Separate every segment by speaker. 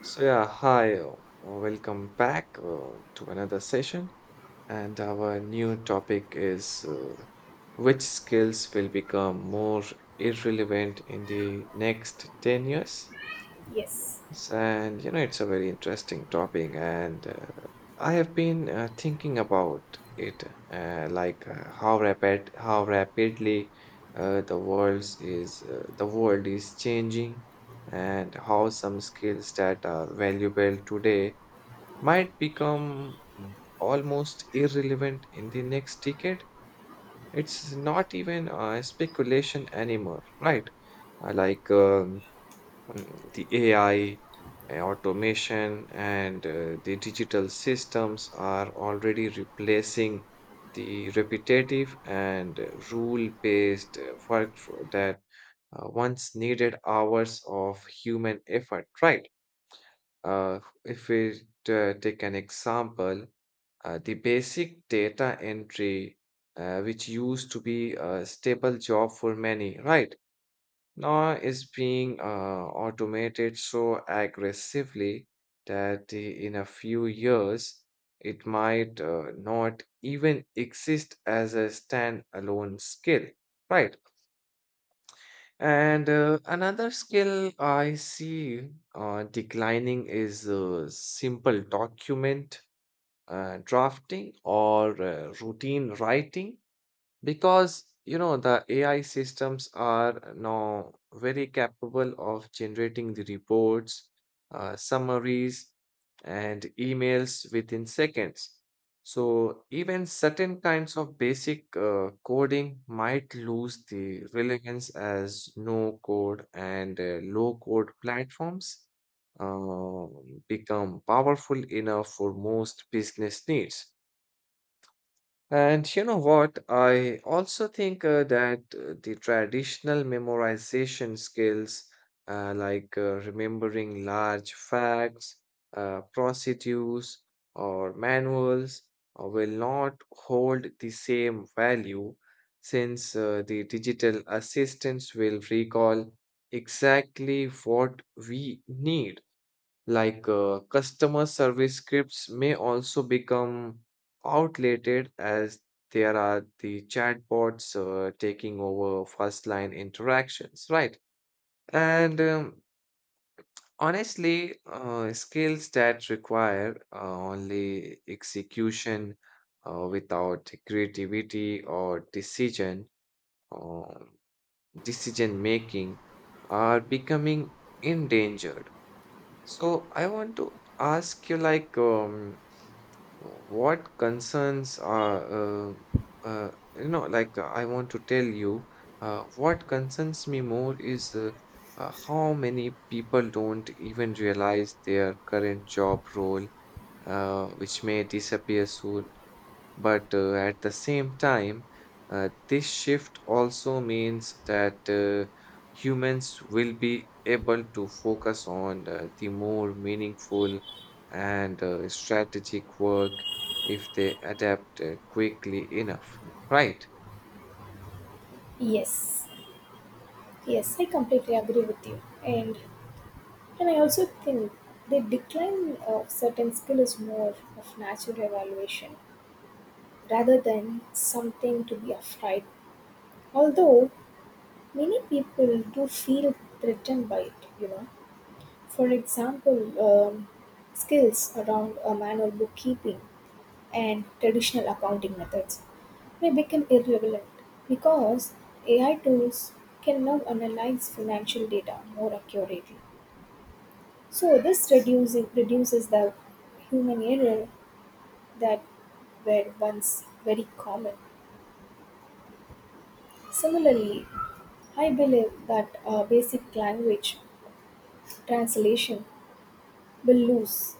Speaker 1: So yeah, hi, uh, Welcome back to another session, and our new topic is: which skills will become more irrelevant in the next 10 years?
Speaker 2: Yes,
Speaker 1: Yes, and you know, it's a very interesting topic, and I have been thinking about it, like how rapidly the world is changing, and how some skills that are valuable today might become almost irrelevant in the next decade. It's not even speculation anymore, right? Uh, like. um The AI, automation, and the digital systems are already replacing the repetitive and rule-based that once needed hours of human effort, right? If we take an example, the basic data entry, which used to be a stable job for many, right? Now is being automated so aggressively that in a few years it might not even exist as a standalone skill, right? And another skill I see declining is simple document drafting or routine writing because, you know, the AI systems are now very capable of generating the reports, summaries, and emails within seconds. So, even certain kinds of basic coding might lose the relevance as no code and low code platforms uh, become powerful enough for most business needs. And you know what? I also think that the traditional memorization skills, like remembering large facts, procedures, or manuals, will not hold the same value since the digital assistants will recall exactly what we need. Like customer service scripts may also become outdated as there are the chatbots taking over first line interactions, right? And honestly, skills that require only execution without creativity or uh, decision making are becoming endangered. So I want to ask you, like what concerns are you know like I want to tell you what concerns me more is how many people don't even realize their current job role which may disappear soon. But at the same time, this shift also means that humans will be able to focus on the more meaningful and strategic work if they adapt quickly enough, right?
Speaker 2: yes, yes, I completely agree with you. And I also think the decline of certain skill is more of natural evaluation rather than something to be afraid. Although many people do feel threatened by it, you know. For example, um, skills around manual bookkeeping and traditional accounting methods may become irrelevant because AI tools can now analyze financial data more accurately. So this reducing reduces the human error that were once very common. Similarly, I believe that basic language translation will lose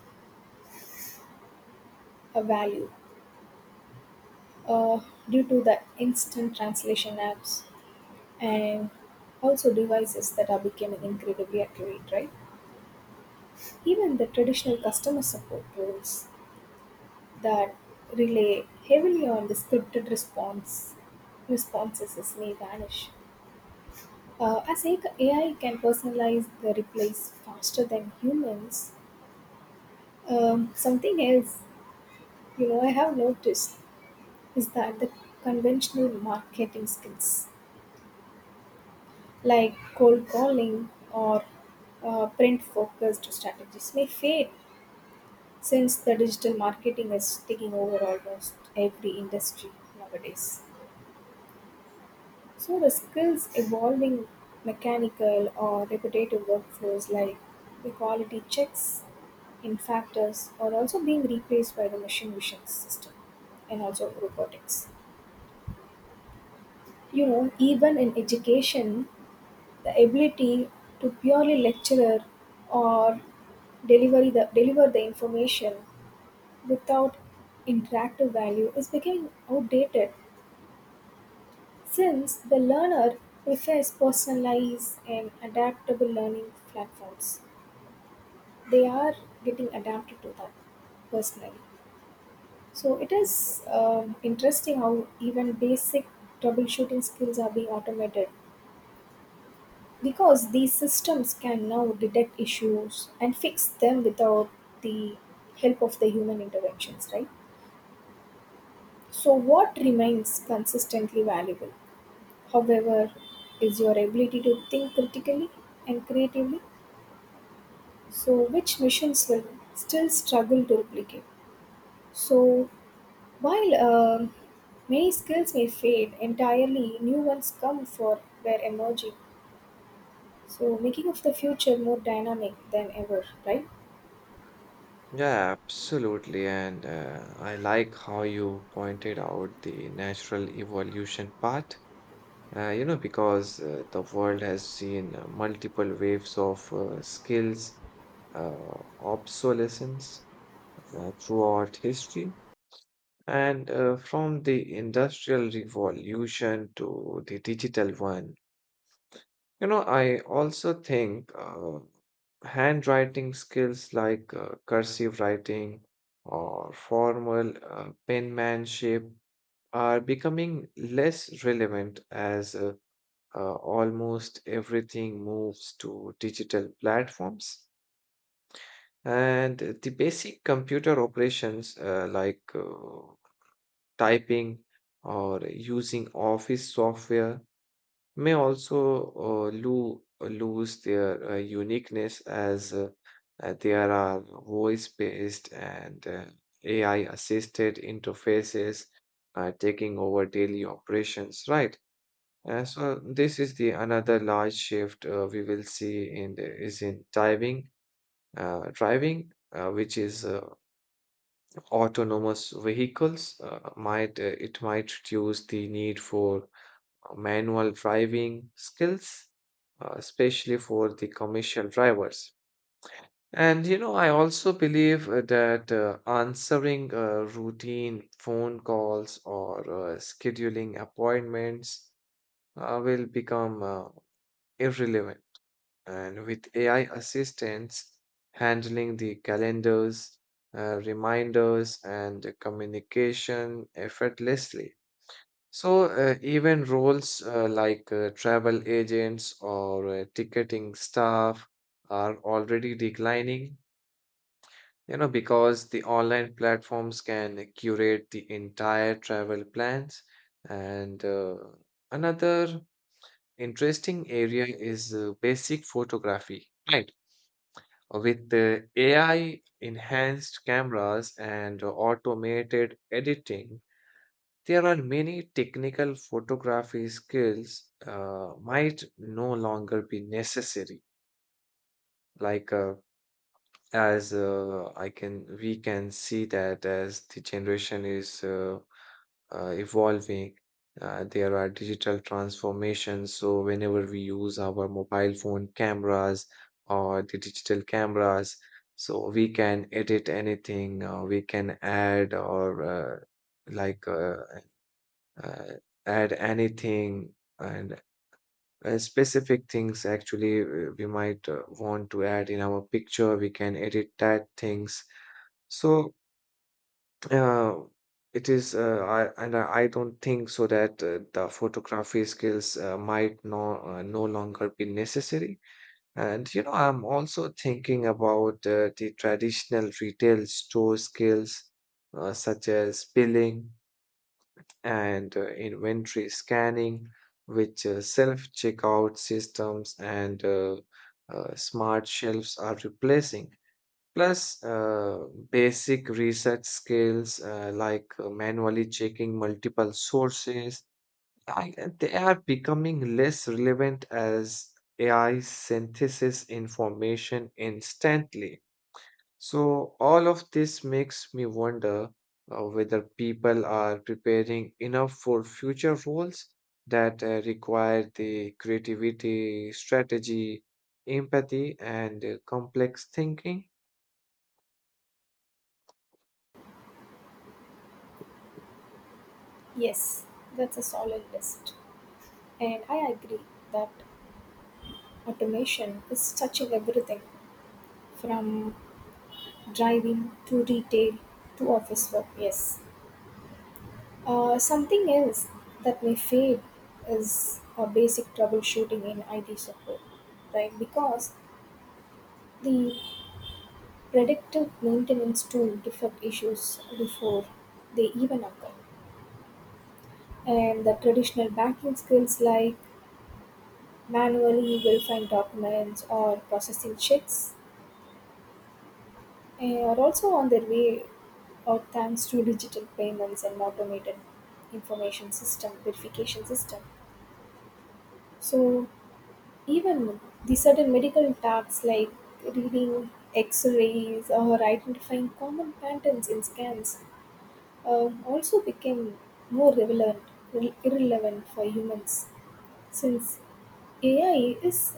Speaker 2: a value uh, due to the instant translation apps and also devices that are becoming incredibly accurate, right? Even the traditional customer support roles that rely heavily on the scripted response responses is may vanish. As AI can personalize the replies faster than humans, something else you know I have noticed is that the conventional marketing skills like cold calling or print focused strategies may fade. Since the digital marketing is taking over almost every industry nowadays. So the skills involving mechanical or repetitive workflows like the quality checks in factors are also being replaced by the machine vision system and also robotics. You know, even in education, the ability to purely lecturer or deliver the information without interactive value is becoming outdated since the learner prefers personalized and adaptable learning platforms. They are getting adapted to that personally. So it is, interesting how even basic troubleshooting skills are being automated because these systems can now detect issues and fix them without the help of the human interventions, right? So, what remains consistently valuable, however, is your ability to think critically and creatively, so which missions will still struggle to replicate. So, while many skills may fade entirely, new ones come for their emerging. So, making of the future more dynamic than ever, right?
Speaker 1: Yeah, absolutely. And I like how you pointed out the natural evolution part. You know, because the world has seen multiple waves of skills obsolescence throughout history. And from the Industrial Revolution to the digital one, you know, I also think handwriting skills like cursive writing or formal penmanship are becoming less relevant as almost everything moves to digital platforms. And the basic computer operations like typing or using office software may also lose their uniqueness as there are voice-based and AI-assisted interfaces taking over daily operations, right? So this is the another large shift we will see in the, is in typing driving, which is autonomous vehicles. Might It might reduce the need for manual driving skills, especially for the commercial drivers. And you know, I also believe that answering routine phone calls or scheduling appointments will become irrelevant, And with AI assistants handling the calendars, reminders, and communication effortlessly. So, even roles like travel agents or ticketing staff are already declining, you know, because the online platforms can curate the entire travel plans. And another interesting area is basic photography. Right, with AI enhanced cameras and automated editing, there are many technical photography skills might no longer be necessary. Like uh, we can see that as the generation is evolving. There are digital transformations. So, whenever we use our mobile phone cameras or the digital cameras, so we can edit anything, we can add or like uh, uh, add anything, and specific things actually we might want to add in our picture. We can edit that things. So, uh, it is, I, and I I don't think so that the photography skills might no longer be necessary. And you know, I'm also thinking about the traditional retail store skills, such as billing and inventory scanning, which self-checkout systems and smart shelves are replacing. Plus, basic research skills like manually checking multiple sources, I, they are becoming less relevant as AI synthesis information instantly. So, all of this makes me wonder whether people are preparing enough for future roles that require the creativity, strategy, empathy, and complex thinking.
Speaker 2: Yes, that's a solid list. And I agree that automation is touching everything from driving to retail to office work. Yes. Something else that may fade is basic troubleshooting in IT support, right? Because the predictive maintenance tool detect issues before they even occur, and the traditional banking skills like manually verifying documents or processing checks are also on their way out thanks to digital payments and automated information system verification system. So even the certain medical tasks like reading x-rays or identifying common patterns in scans also became more relevant, irrelevant for humans since A is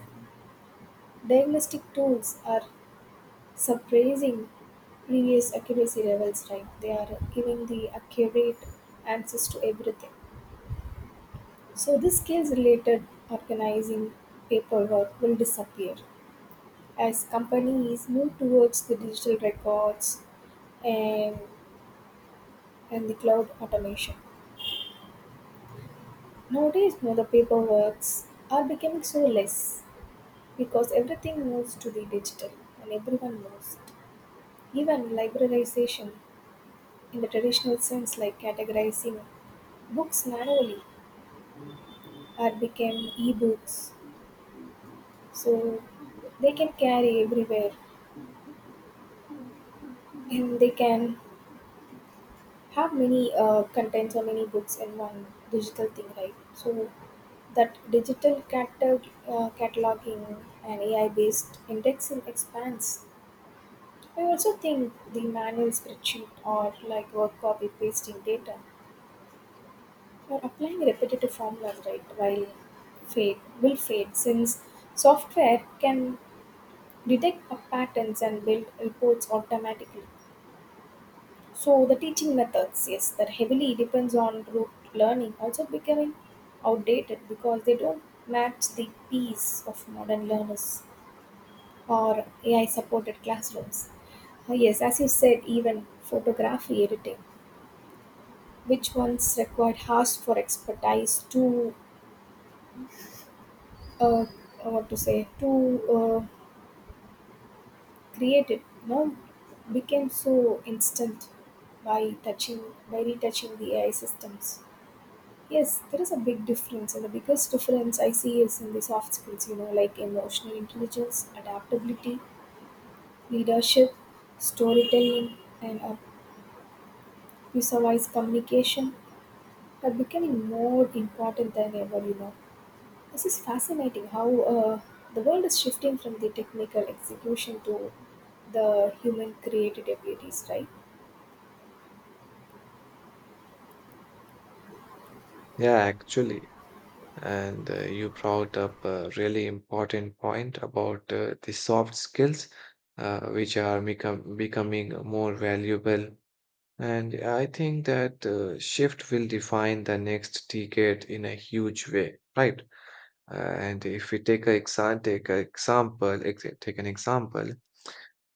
Speaker 2: diagnostic tools are surpassing previous accuracy levels, right? They are giving the accurate answers to everything. So, this case related organizing paperwork will disappear as companies move towards the digital records and and the cloud automation. Nowadays, you know, the paperworks are becoming so less because everything moves to the digital and everyone knows it. Even librarization in the traditional sense like categorizing books manually are become e-books so they can carry everywhere and they can have many contents or many books in one digital thing, right? So that digital catalog, cataloging and AI-based indexing expands. I also think the manual spreadsheet or like work copy pasting data or applying repetitive formulas, right, while fade will fade since software can detect patterns and build reports automatically. So the teaching methods, yes, that heavily depends on rote learning, also becoming outdated because they don't match the pace of modern learners or AI-supported classrooms. Yes, as you said, even photography editing, which once required hours for expertise to, uh, uh, what to say, to create it, now became so instant by touching, by retouching the AI systems. Yes, there is a big difference, and the biggest difference I see is in the soft skills, you know, like emotional intelligence, adaptability, leadership, storytelling, and visualize communication are becoming more important than ever, you know. This is fascinating how the world is shifting from the technical execution to the human created abilities, right?
Speaker 1: Yeah, actually. And you brought up a really important point about the soft skills, which are becoming more valuable. And I think that shift will define the next decade in a huge way, right? And if we take a exa- take a example, ex- take an example,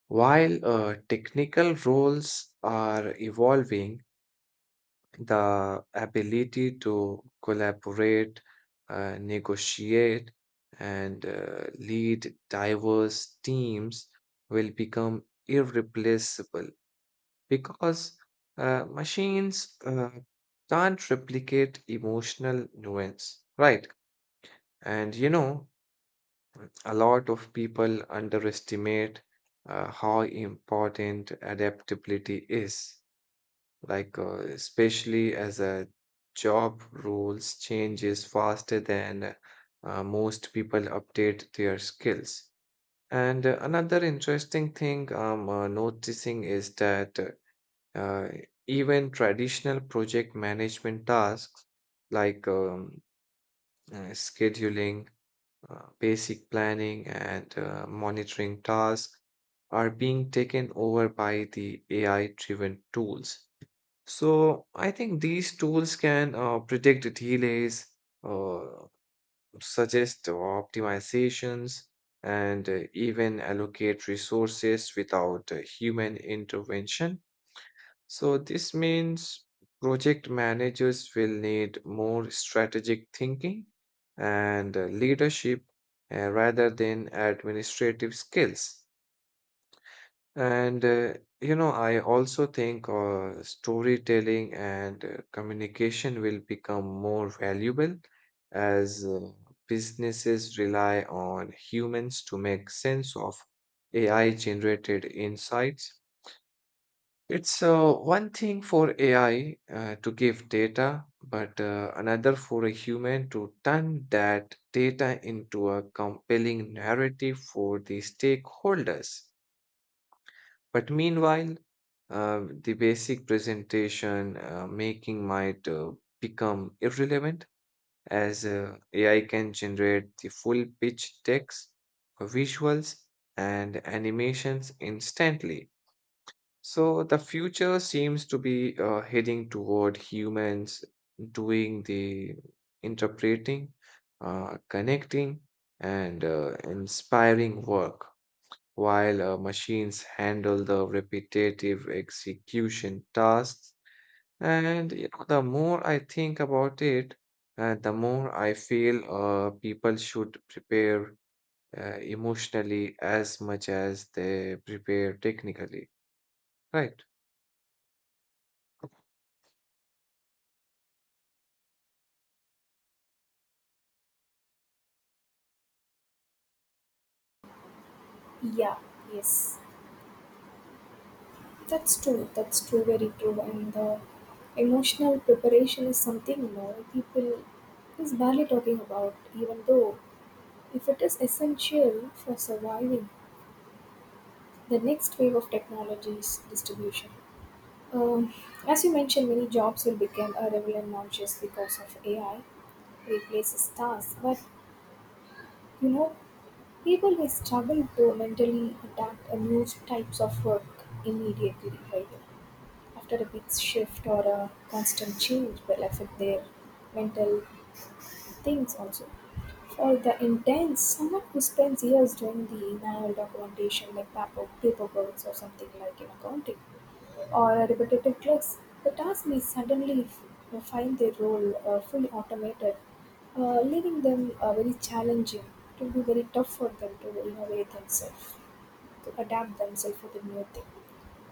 Speaker 1: while technical roles are evolving, the ability to collaborate, negotiate, and lead diverse teams will become irreplaceable because machines can't replicate emotional nuance, right? And you know, a lot of people underestimate how important adaptability is, especially as a job roles changes faster than most people update their skills. And another interesting thing I'm noticing is that uh, even traditional project management tasks like scheduling, basic planning, and monitoring tasks are being taken over by the AI-driven tools. So I think these tools can predict delays, uh, suggest optimizations, and even allocate resources without human intervention. So this means project managers will need more strategic thinking and leadership rather than administrative skills. And you know, I also think storytelling and communication will become more valuable as businesses rely on humans to make sense of AI-generated insights. It's one thing for AI to give data, but another for a human to turn that data into a compelling narrative for the stakeholders. But meanwhile, the basic presentation making might become irrelevant as AI can generate the full pitch text, visuals, and animations instantly. So the future seems to be heading toward humans doing the interpreting, connecting, and inspiring work while machines handle the repetitive execution tasks. And you know, the more I think about it, the more I feel people should prepare emotionally as much as they prepare technically, right?
Speaker 2: Yeah, yes. That's true. That's true. Very true. And the emotional preparation is something, you know, people is barely talking about. Even though, if it is essential for surviving the next wave of technologies distribution, um, as you mentioned, many jobs will become irrelevant and nauseous because of AI replaces tasks. But you know, people who struggle to mentally adapt a new types of work immediately, right? After a big shift or a constant change will affect their mental things also. For the intense, someone who spends years doing the manual documentation like paperwork or something like in accounting or a repetitive clicks, the task may find their role fully automated, leaving them very challenging. It will be very tough for them to innovate themselves, to adapt themselves to the new thing.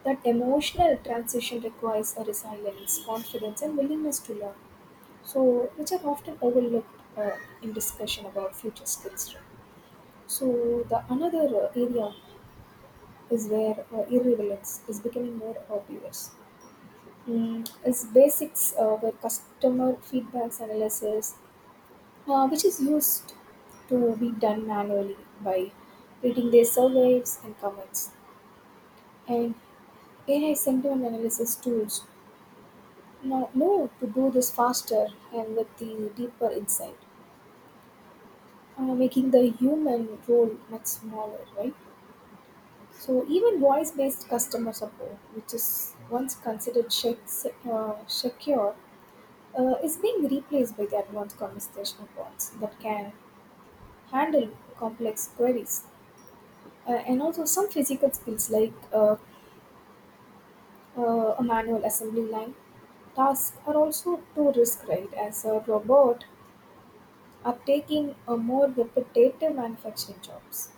Speaker 2: That emotional transition requires a resilience, confidence, and willingness to learn, so which are often overlooked in discussion about future skills, right? So the another area is where irrelevance is becoming more obvious, is basics where customer feedbacks analysis which is used to be done manually by reading their surveys and comments, and AI sentiment analysis tools now know to do this faster and with the deeper insight, making the human role much smaller, right? So even voice-based customer support, which is once considered secure, is being replaced by the advanced conversational bots that can handle complex queries, and also some physical skills like a manual assembly line tasks are also too risk, right, as a robot are taking a more repetitive manufacturing jobs.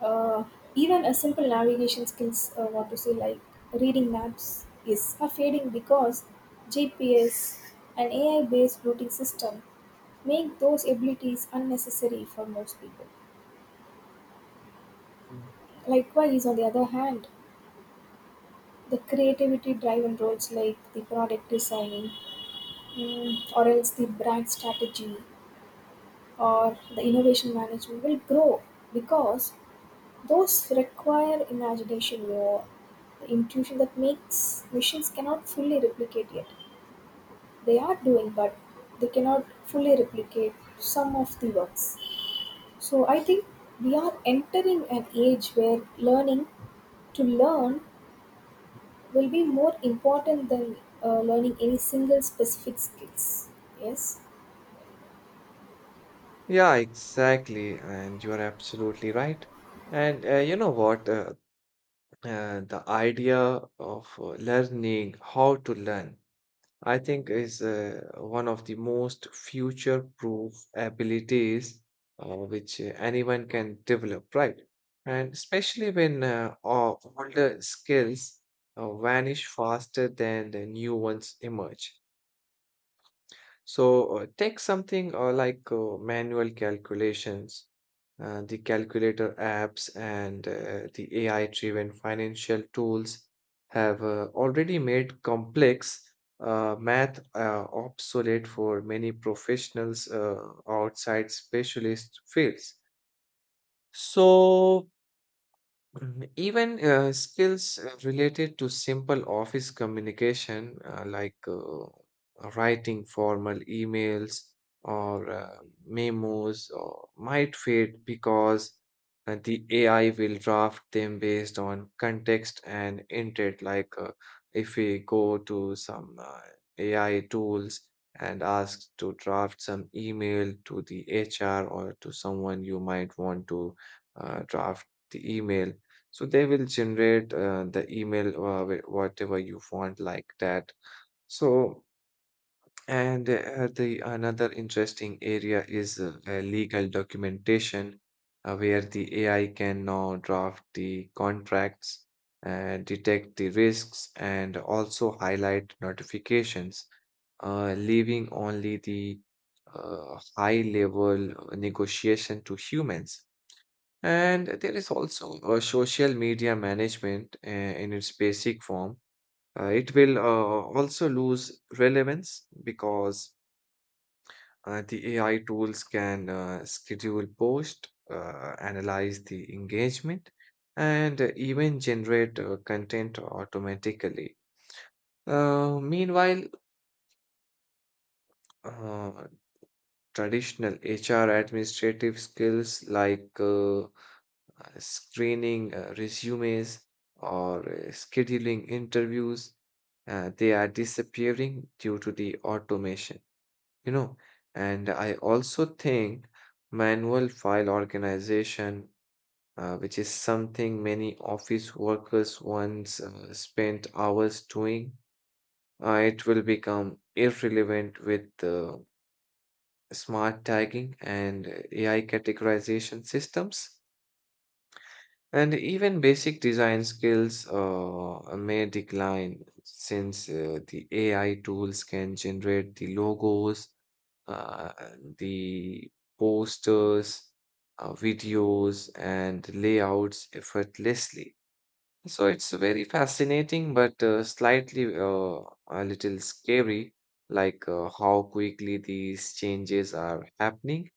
Speaker 2: Uh, Even a simple navigation skills, like reading maps, is are fading because GPS and AI-based routing system make those abilities unnecessary for most people.
Speaker 1: Mm.
Speaker 2: Likewise, on the other hand, the creativity-driven roles like the product designing, or else the brand strategy, or the innovation management will grow because those require imagination or the intuition that makes machines cannot fully replicate yet. They are doing, but they cannot fully replicate some of the works. So I think we are entering an age where learning to learn will be more important than learning any single specific skills. Yes.
Speaker 1: Yeah, exactly. And you are absolutely right. And you know what? The idea of learning how to learn, I think, is one of the most future-proof abilities which anyone can develop, right? And especially when older skills vanish faster than the new ones emerge. So take something like manual calculations. The calculator apps, and the AI-driven financial tools have already made complex math obsolete for many professionals outside specialist fields. So Mhm. Even skills related to simple office communication, like writing formal emails or memos, or might fade because the AI will draft them based on context and intent. If we go to some AI tools and ask to draft some email to the HR, or to someone you might want to draft the email, so they will generate the email, whatever you want, like that. So, and the another interesting area is legal documentation, where the AI can now draft the contracts, detect the risks, and also highlight notifications, leaving only the high level negotiation to humans. And there is also a social media management in its basic form. It will also lose relevance because the AI tools can schedule posts, analyze the engagement, and even generate content automatically. Meanwhile, uh, traditional HR administrative skills like screening resumes or scheduling interviews, they are disappearing due to the automation, you know. And I also think manual file organization, which is something many office workers once spent hours doing, it will become irrelevant with smart tagging and AI categorization systems. And even basic design skills may decline since the AI tools can generate the logos, uh, the posters, videos, and layouts effortlessly. So it's very fascinating, but slightly a little scary, like how quickly these changes are happening,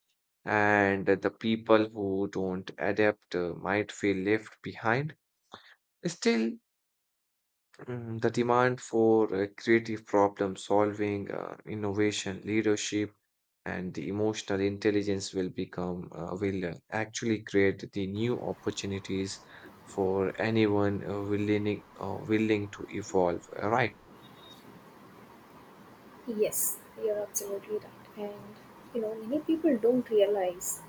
Speaker 1: and the people who don't adapt might feel left behind. Still, the demand for creative problem solving, innovation, leadership, and the emotional intelligence will become, will actually create the new opportunities for anyone willing to evolve, right?
Speaker 2: Yes, you're absolutely right. And you know, many people don't realize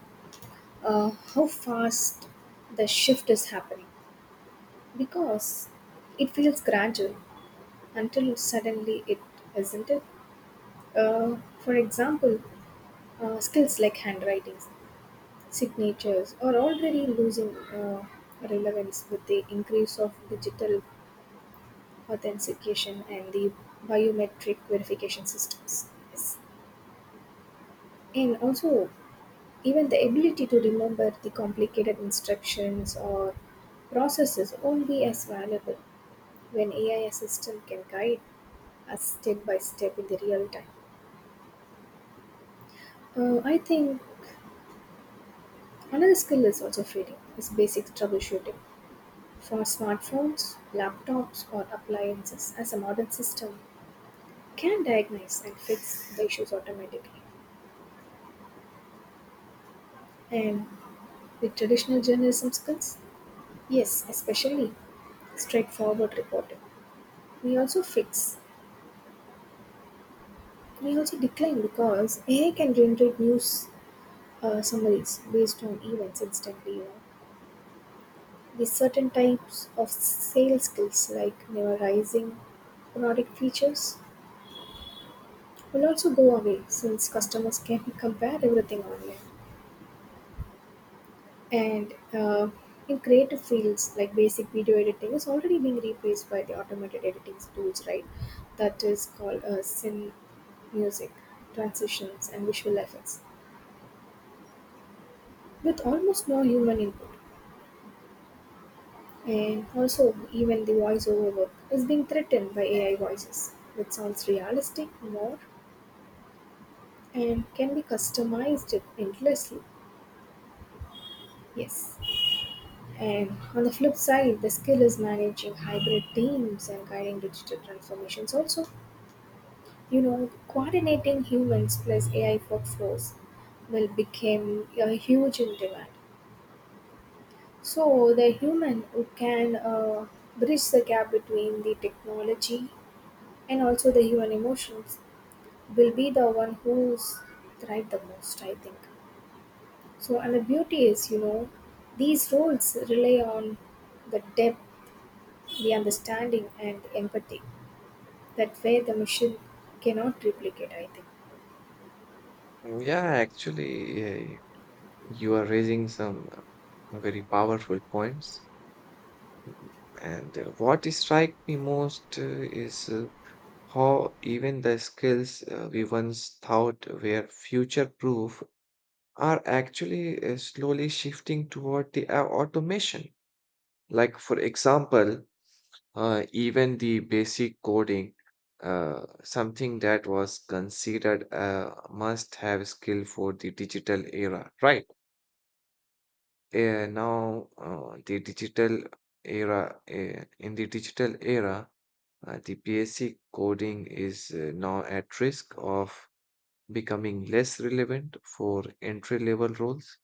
Speaker 2: how fast the shift is happening. Because it feels gradual until suddenly it isn't it? Uh, for example, skills like handwritings, signatures are already losing relevance with the increase of digital authentication and the biometric verification systems. Yes. And also, even the ability to remember the complicated instructions or processes won't be as valuable when AI assistant can guide us step by step in the real time. I think another skill is also trading is basic troubleshooting for smartphones, laptops, or appliances as a modern system can diagnose and fix the issues automatically. And with traditional journalism skills, yes, especially straightforward reporting. We also fix, we also decline because AI can generate news summaries based on events instantly. You know, these certain types of sales skills like memorizing product features will also go away since customers can compare everything online, and in creative fields like basic video editing is already being replaced by the automated editing tools, right, that is called sim music transitions and visual effects with almost no human input. And also, even the voiceover work is being threatened by AI voices, which sounds realistic more and can be customized endlessly. Yes. And on the flip side, the skill is managing hybrid teams and guiding digital transformations also. You know, coordinating humans plus AI workflows will become a huge in demand. So the human who can bridge the gap between the technology and also the human emotions will be the one who's thrived the most, I think. So, and the beauty is, you know, these roles rely on the depth, the understanding, and empathy that where the machine cannot replicate, I think.
Speaker 1: Yeah, actually, you are raising some very powerful points. And what strikes me most is how even the skills we once thought were future proof are actually slowly shifting toward the automation. Like, for example, even the basic coding, something that was considered a must have skill for the digital era, right? Now, the digital era, in the digital era, the basic coding is now at risk of becoming less relevant for entry level roles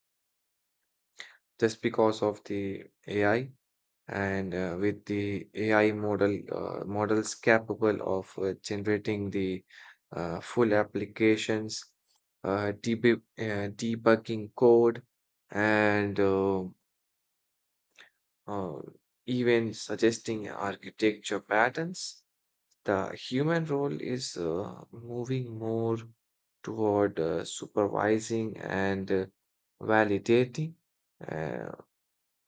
Speaker 1: just because of the AI, and with the AI models capable of generating the full applications, uh, deb- debugging code, and uh, even suggesting architecture patterns. The human role is moving more toward supervising and validating, uh,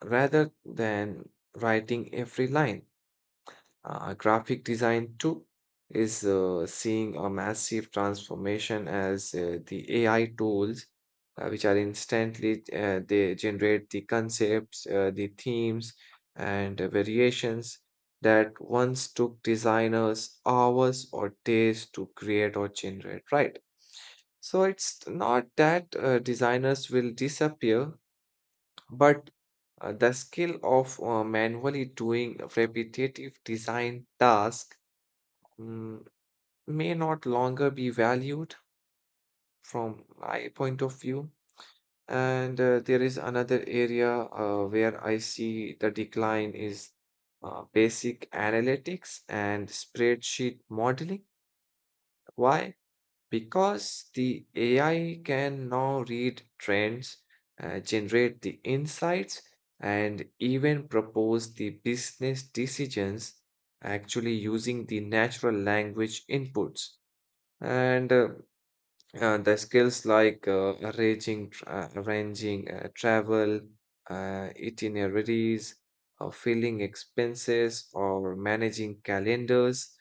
Speaker 1: rather than writing every line. Graphic design, too, is seeing a massive transformation as the AI tools, which are instantly, they generate the concepts, the themes, and variations that once took designers hours or days to create or generate, right? So it's not that designers will disappear, but the skill of manually doing repetitive design tasks mm, may not longer be valued, from my point of view. And there is another area where I see the decline is basic analytics and spreadsheet modeling. Why? Because the AI can now read trends, generate the insights, and even propose the business decisions, actually using the natural language inputs. And The skills like arranging travel, itineraries, or filling expenses, or managing calendars,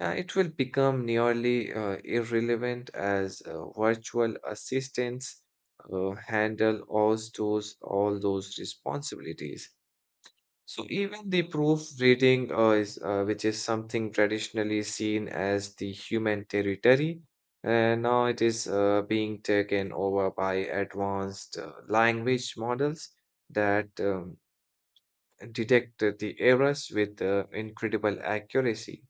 Speaker 1: it will become nearly irrelevant as virtual assistants handle all those responsibilities. So even the proofreading, which is something traditionally seen as the human territory, and now it is being taken over by advanced language models that detect the errors with incredible accuracy.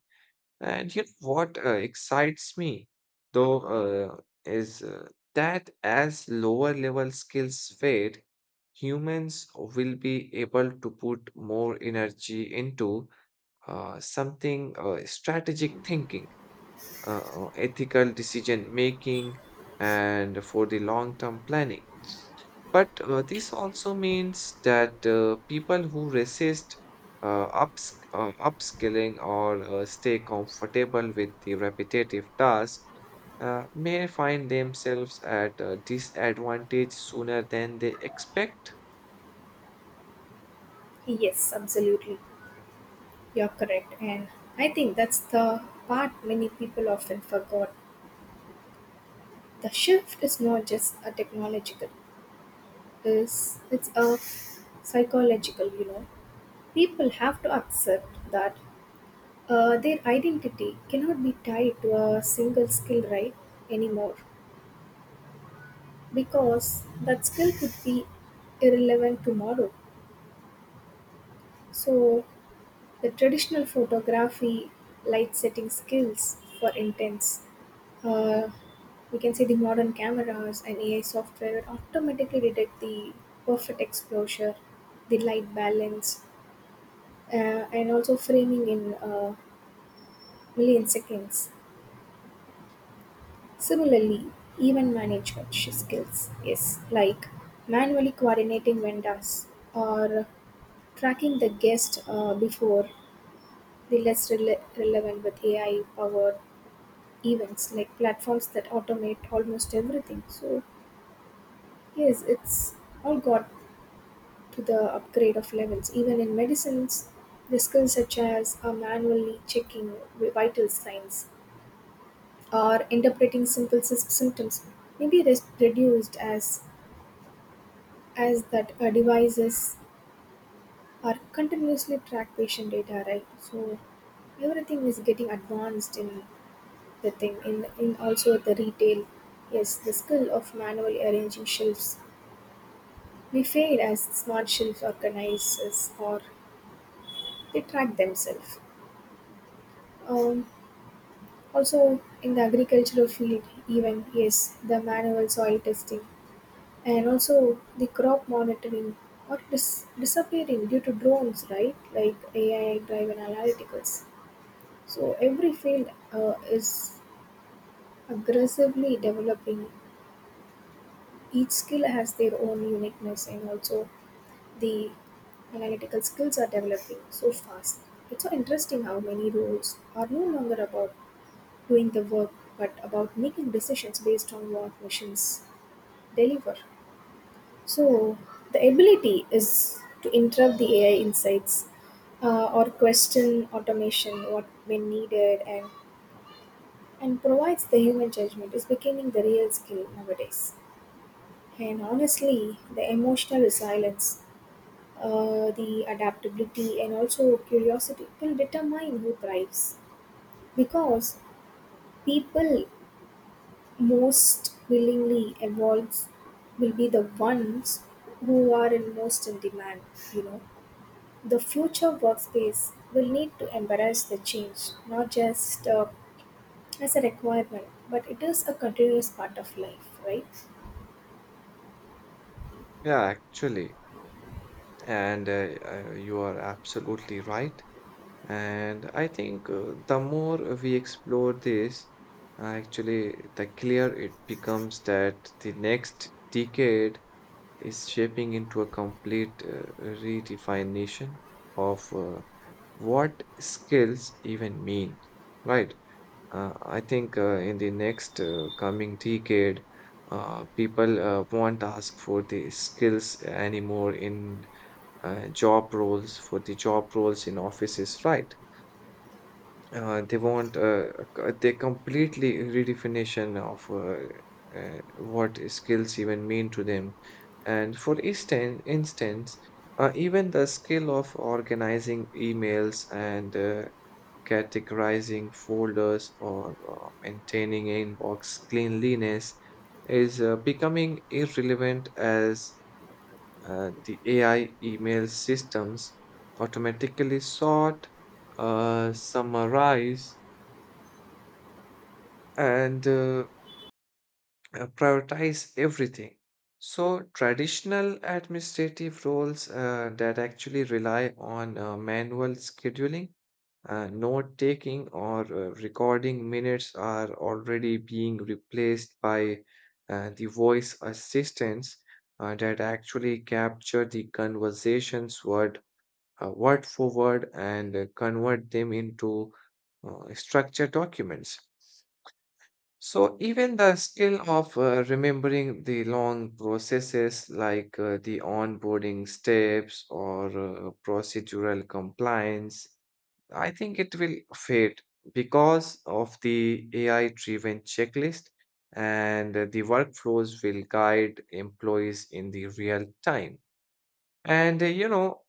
Speaker 1: And you know what excites me, though, is that as lower level skills fade, humans will be able to put more energy into something strategic thinking, ethical decision making, and for the long term planning. But this also means that people who resist upskilling or stay comfortable with the repetitive tasks may find themselves at a disadvantage sooner than they expect.
Speaker 2: Yes, absolutely. You're correct. And I think that's the part many people often forgot. The shift is not just a technological, it's a psychological, you know. People have to accept that, their identity cannot be tied to a single skill, right, anymore because that skill could be irrelevant tomorrow, so the traditional photography light setting skills, for intense, uh, we can say the modern cameras and AI software automatically detect the perfect exposure, the light balance, and also framing in uh, million seconds. Similarly, event management skills is like manually coordinating vendors or tracking the guest before the relevant with AI powered events like platforms that automate almost everything. So yes, it's all got to the upgrade of levels. Even in medicines, the skills such as manually checking vital signs or interpreting symptoms may be reduced as that devices are continuously track patient data, right, so everything is getting advanced in the thing in also the retail, yes the skill of manually arranging shelves we fail as smart shelf organizers or they track themselves, um, also in the agricultural field, even yes the manual soil testing and also the crop monitoring are disappearing due to drones, right, like AI driven analyticals, so every field is aggressively developing, each skill has their own uniqueness and also the analytical skills are developing so fast. It's so interesting how many roles are no longer about doing the work but about making decisions based on what machines deliver. So, the ability is to interrupt the AI insights or question automation what when needed and provides the human judgment is becoming the real skill nowadays. And honestly, the emotional resilience, the adaptability, and also curiosity will determine who thrives because people most willingly evolve will be the ones who are in most in demand, you know. The future workspace will need to embrace the change, not just as a requirement, but it is a continuous part of life, right?
Speaker 1: Yeah, actually. And you are absolutely right. And I think the more we explore this, actually, the clearer it becomes that the next decade is shaping into a complete redefinition of what skills even mean, right? I think in the next coming decade, people won't ask for the skills anymore in job roles, for the job roles in offices, right? They want a they completely redefinition of what skills even mean to them. And for instance, even the skill of organizing emails and categorizing folders or maintaining inbox cleanliness is becoming irrelevant as the AI email systems automatically sort, summarize, and prioritize everything. So, traditional administrative roles that actually rely on manual scheduling, note taking, or recording minutes are already being replaced by the voice assistants that actually capture the conversations word for word and convert them into structured documents. So even the skill of remembering the long processes like the onboarding steps or procedural compliance, I think it will fade because of the AI-driven checklist and the workflows will guide employees in the real time. And you know,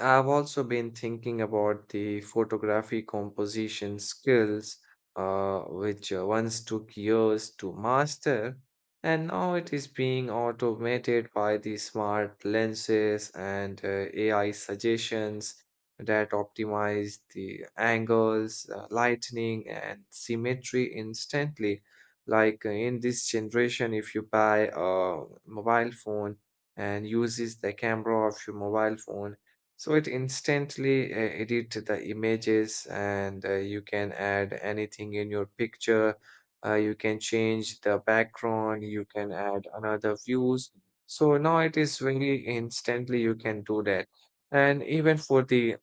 Speaker 1: I've also been thinking about the photography composition skills, which once took years to master, and now it is being automated by the smart lenses and AI suggestions that optimize the angles, lightning, and symmetry instantly. Like in this generation, if you buy a mobile phone and uses the camera of your mobile phone, so it instantly edit the images and you can add anything in your picture. You can change the background, you can add another views. So now it is very instantly you can do that. And even for the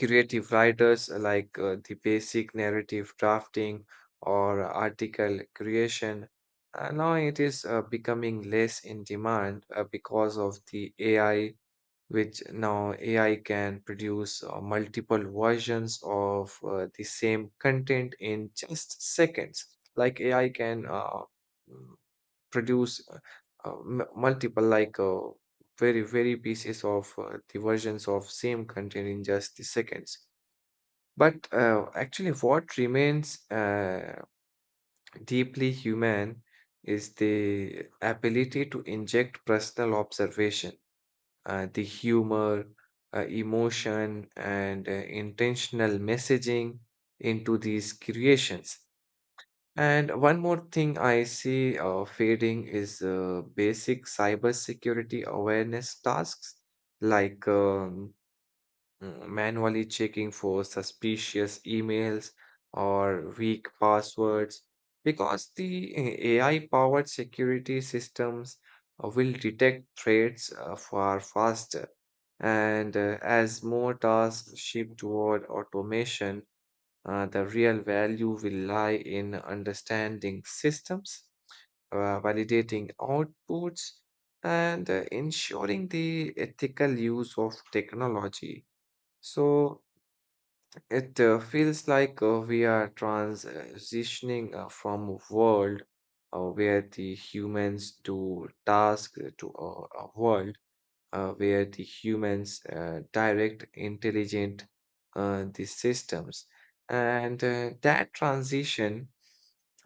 Speaker 1: creative writers the basic narrative drafting or article creation, now it is becoming less in demand because of the AI, which now AI can produce multiple versions of the same content in just seconds. Like AI can mm, produce multiple, like very, very pieces of the versions of same content in just the seconds. But actually, what remains deeply human is the ability to inject personal observation, the humor, emotion, and intentional messaging into these creations. And one more thing I see fading is basic cybersecurity awareness tasks like manually checking for suspicious emails or weak passwords, because the AI powered security systems will detect threats far faster. And as more tasks shift toward automation, the real value will lie in understanding systems, validating outputs, and ensuring the ethical use of technology. So it feels like we are transitioning from a world where the humans do tasks to a world where the humans direct intelligent the systems, and that transition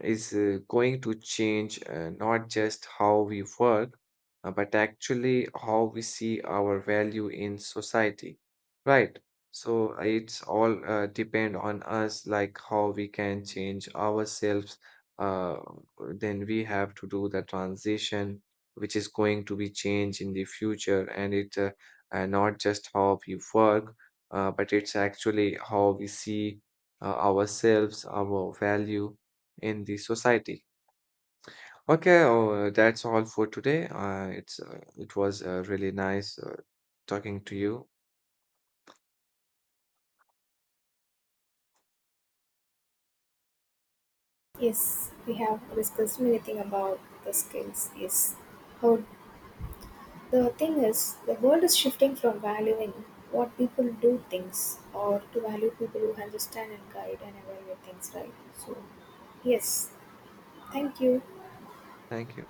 Speaker 1: is going to change not just how we work, but actually how we see our value in society, right? So it's all depend on us, like how we can change ourselves, uh, then we have to do the transition which is going to be changed in the future, and it not just how we work, but it's actually how we see ourselves, our value in the society. Okay. Oh, that's all for today. It was really nice talking to you.
Speaker 2: Yes, we have discussed many things about the skills. Yes. How the thing is, the world is shifting from valuing what people do things or to value people who understand and guide and evaluate things, right? So, yes. Thank you.
Speaker 1: Thank you.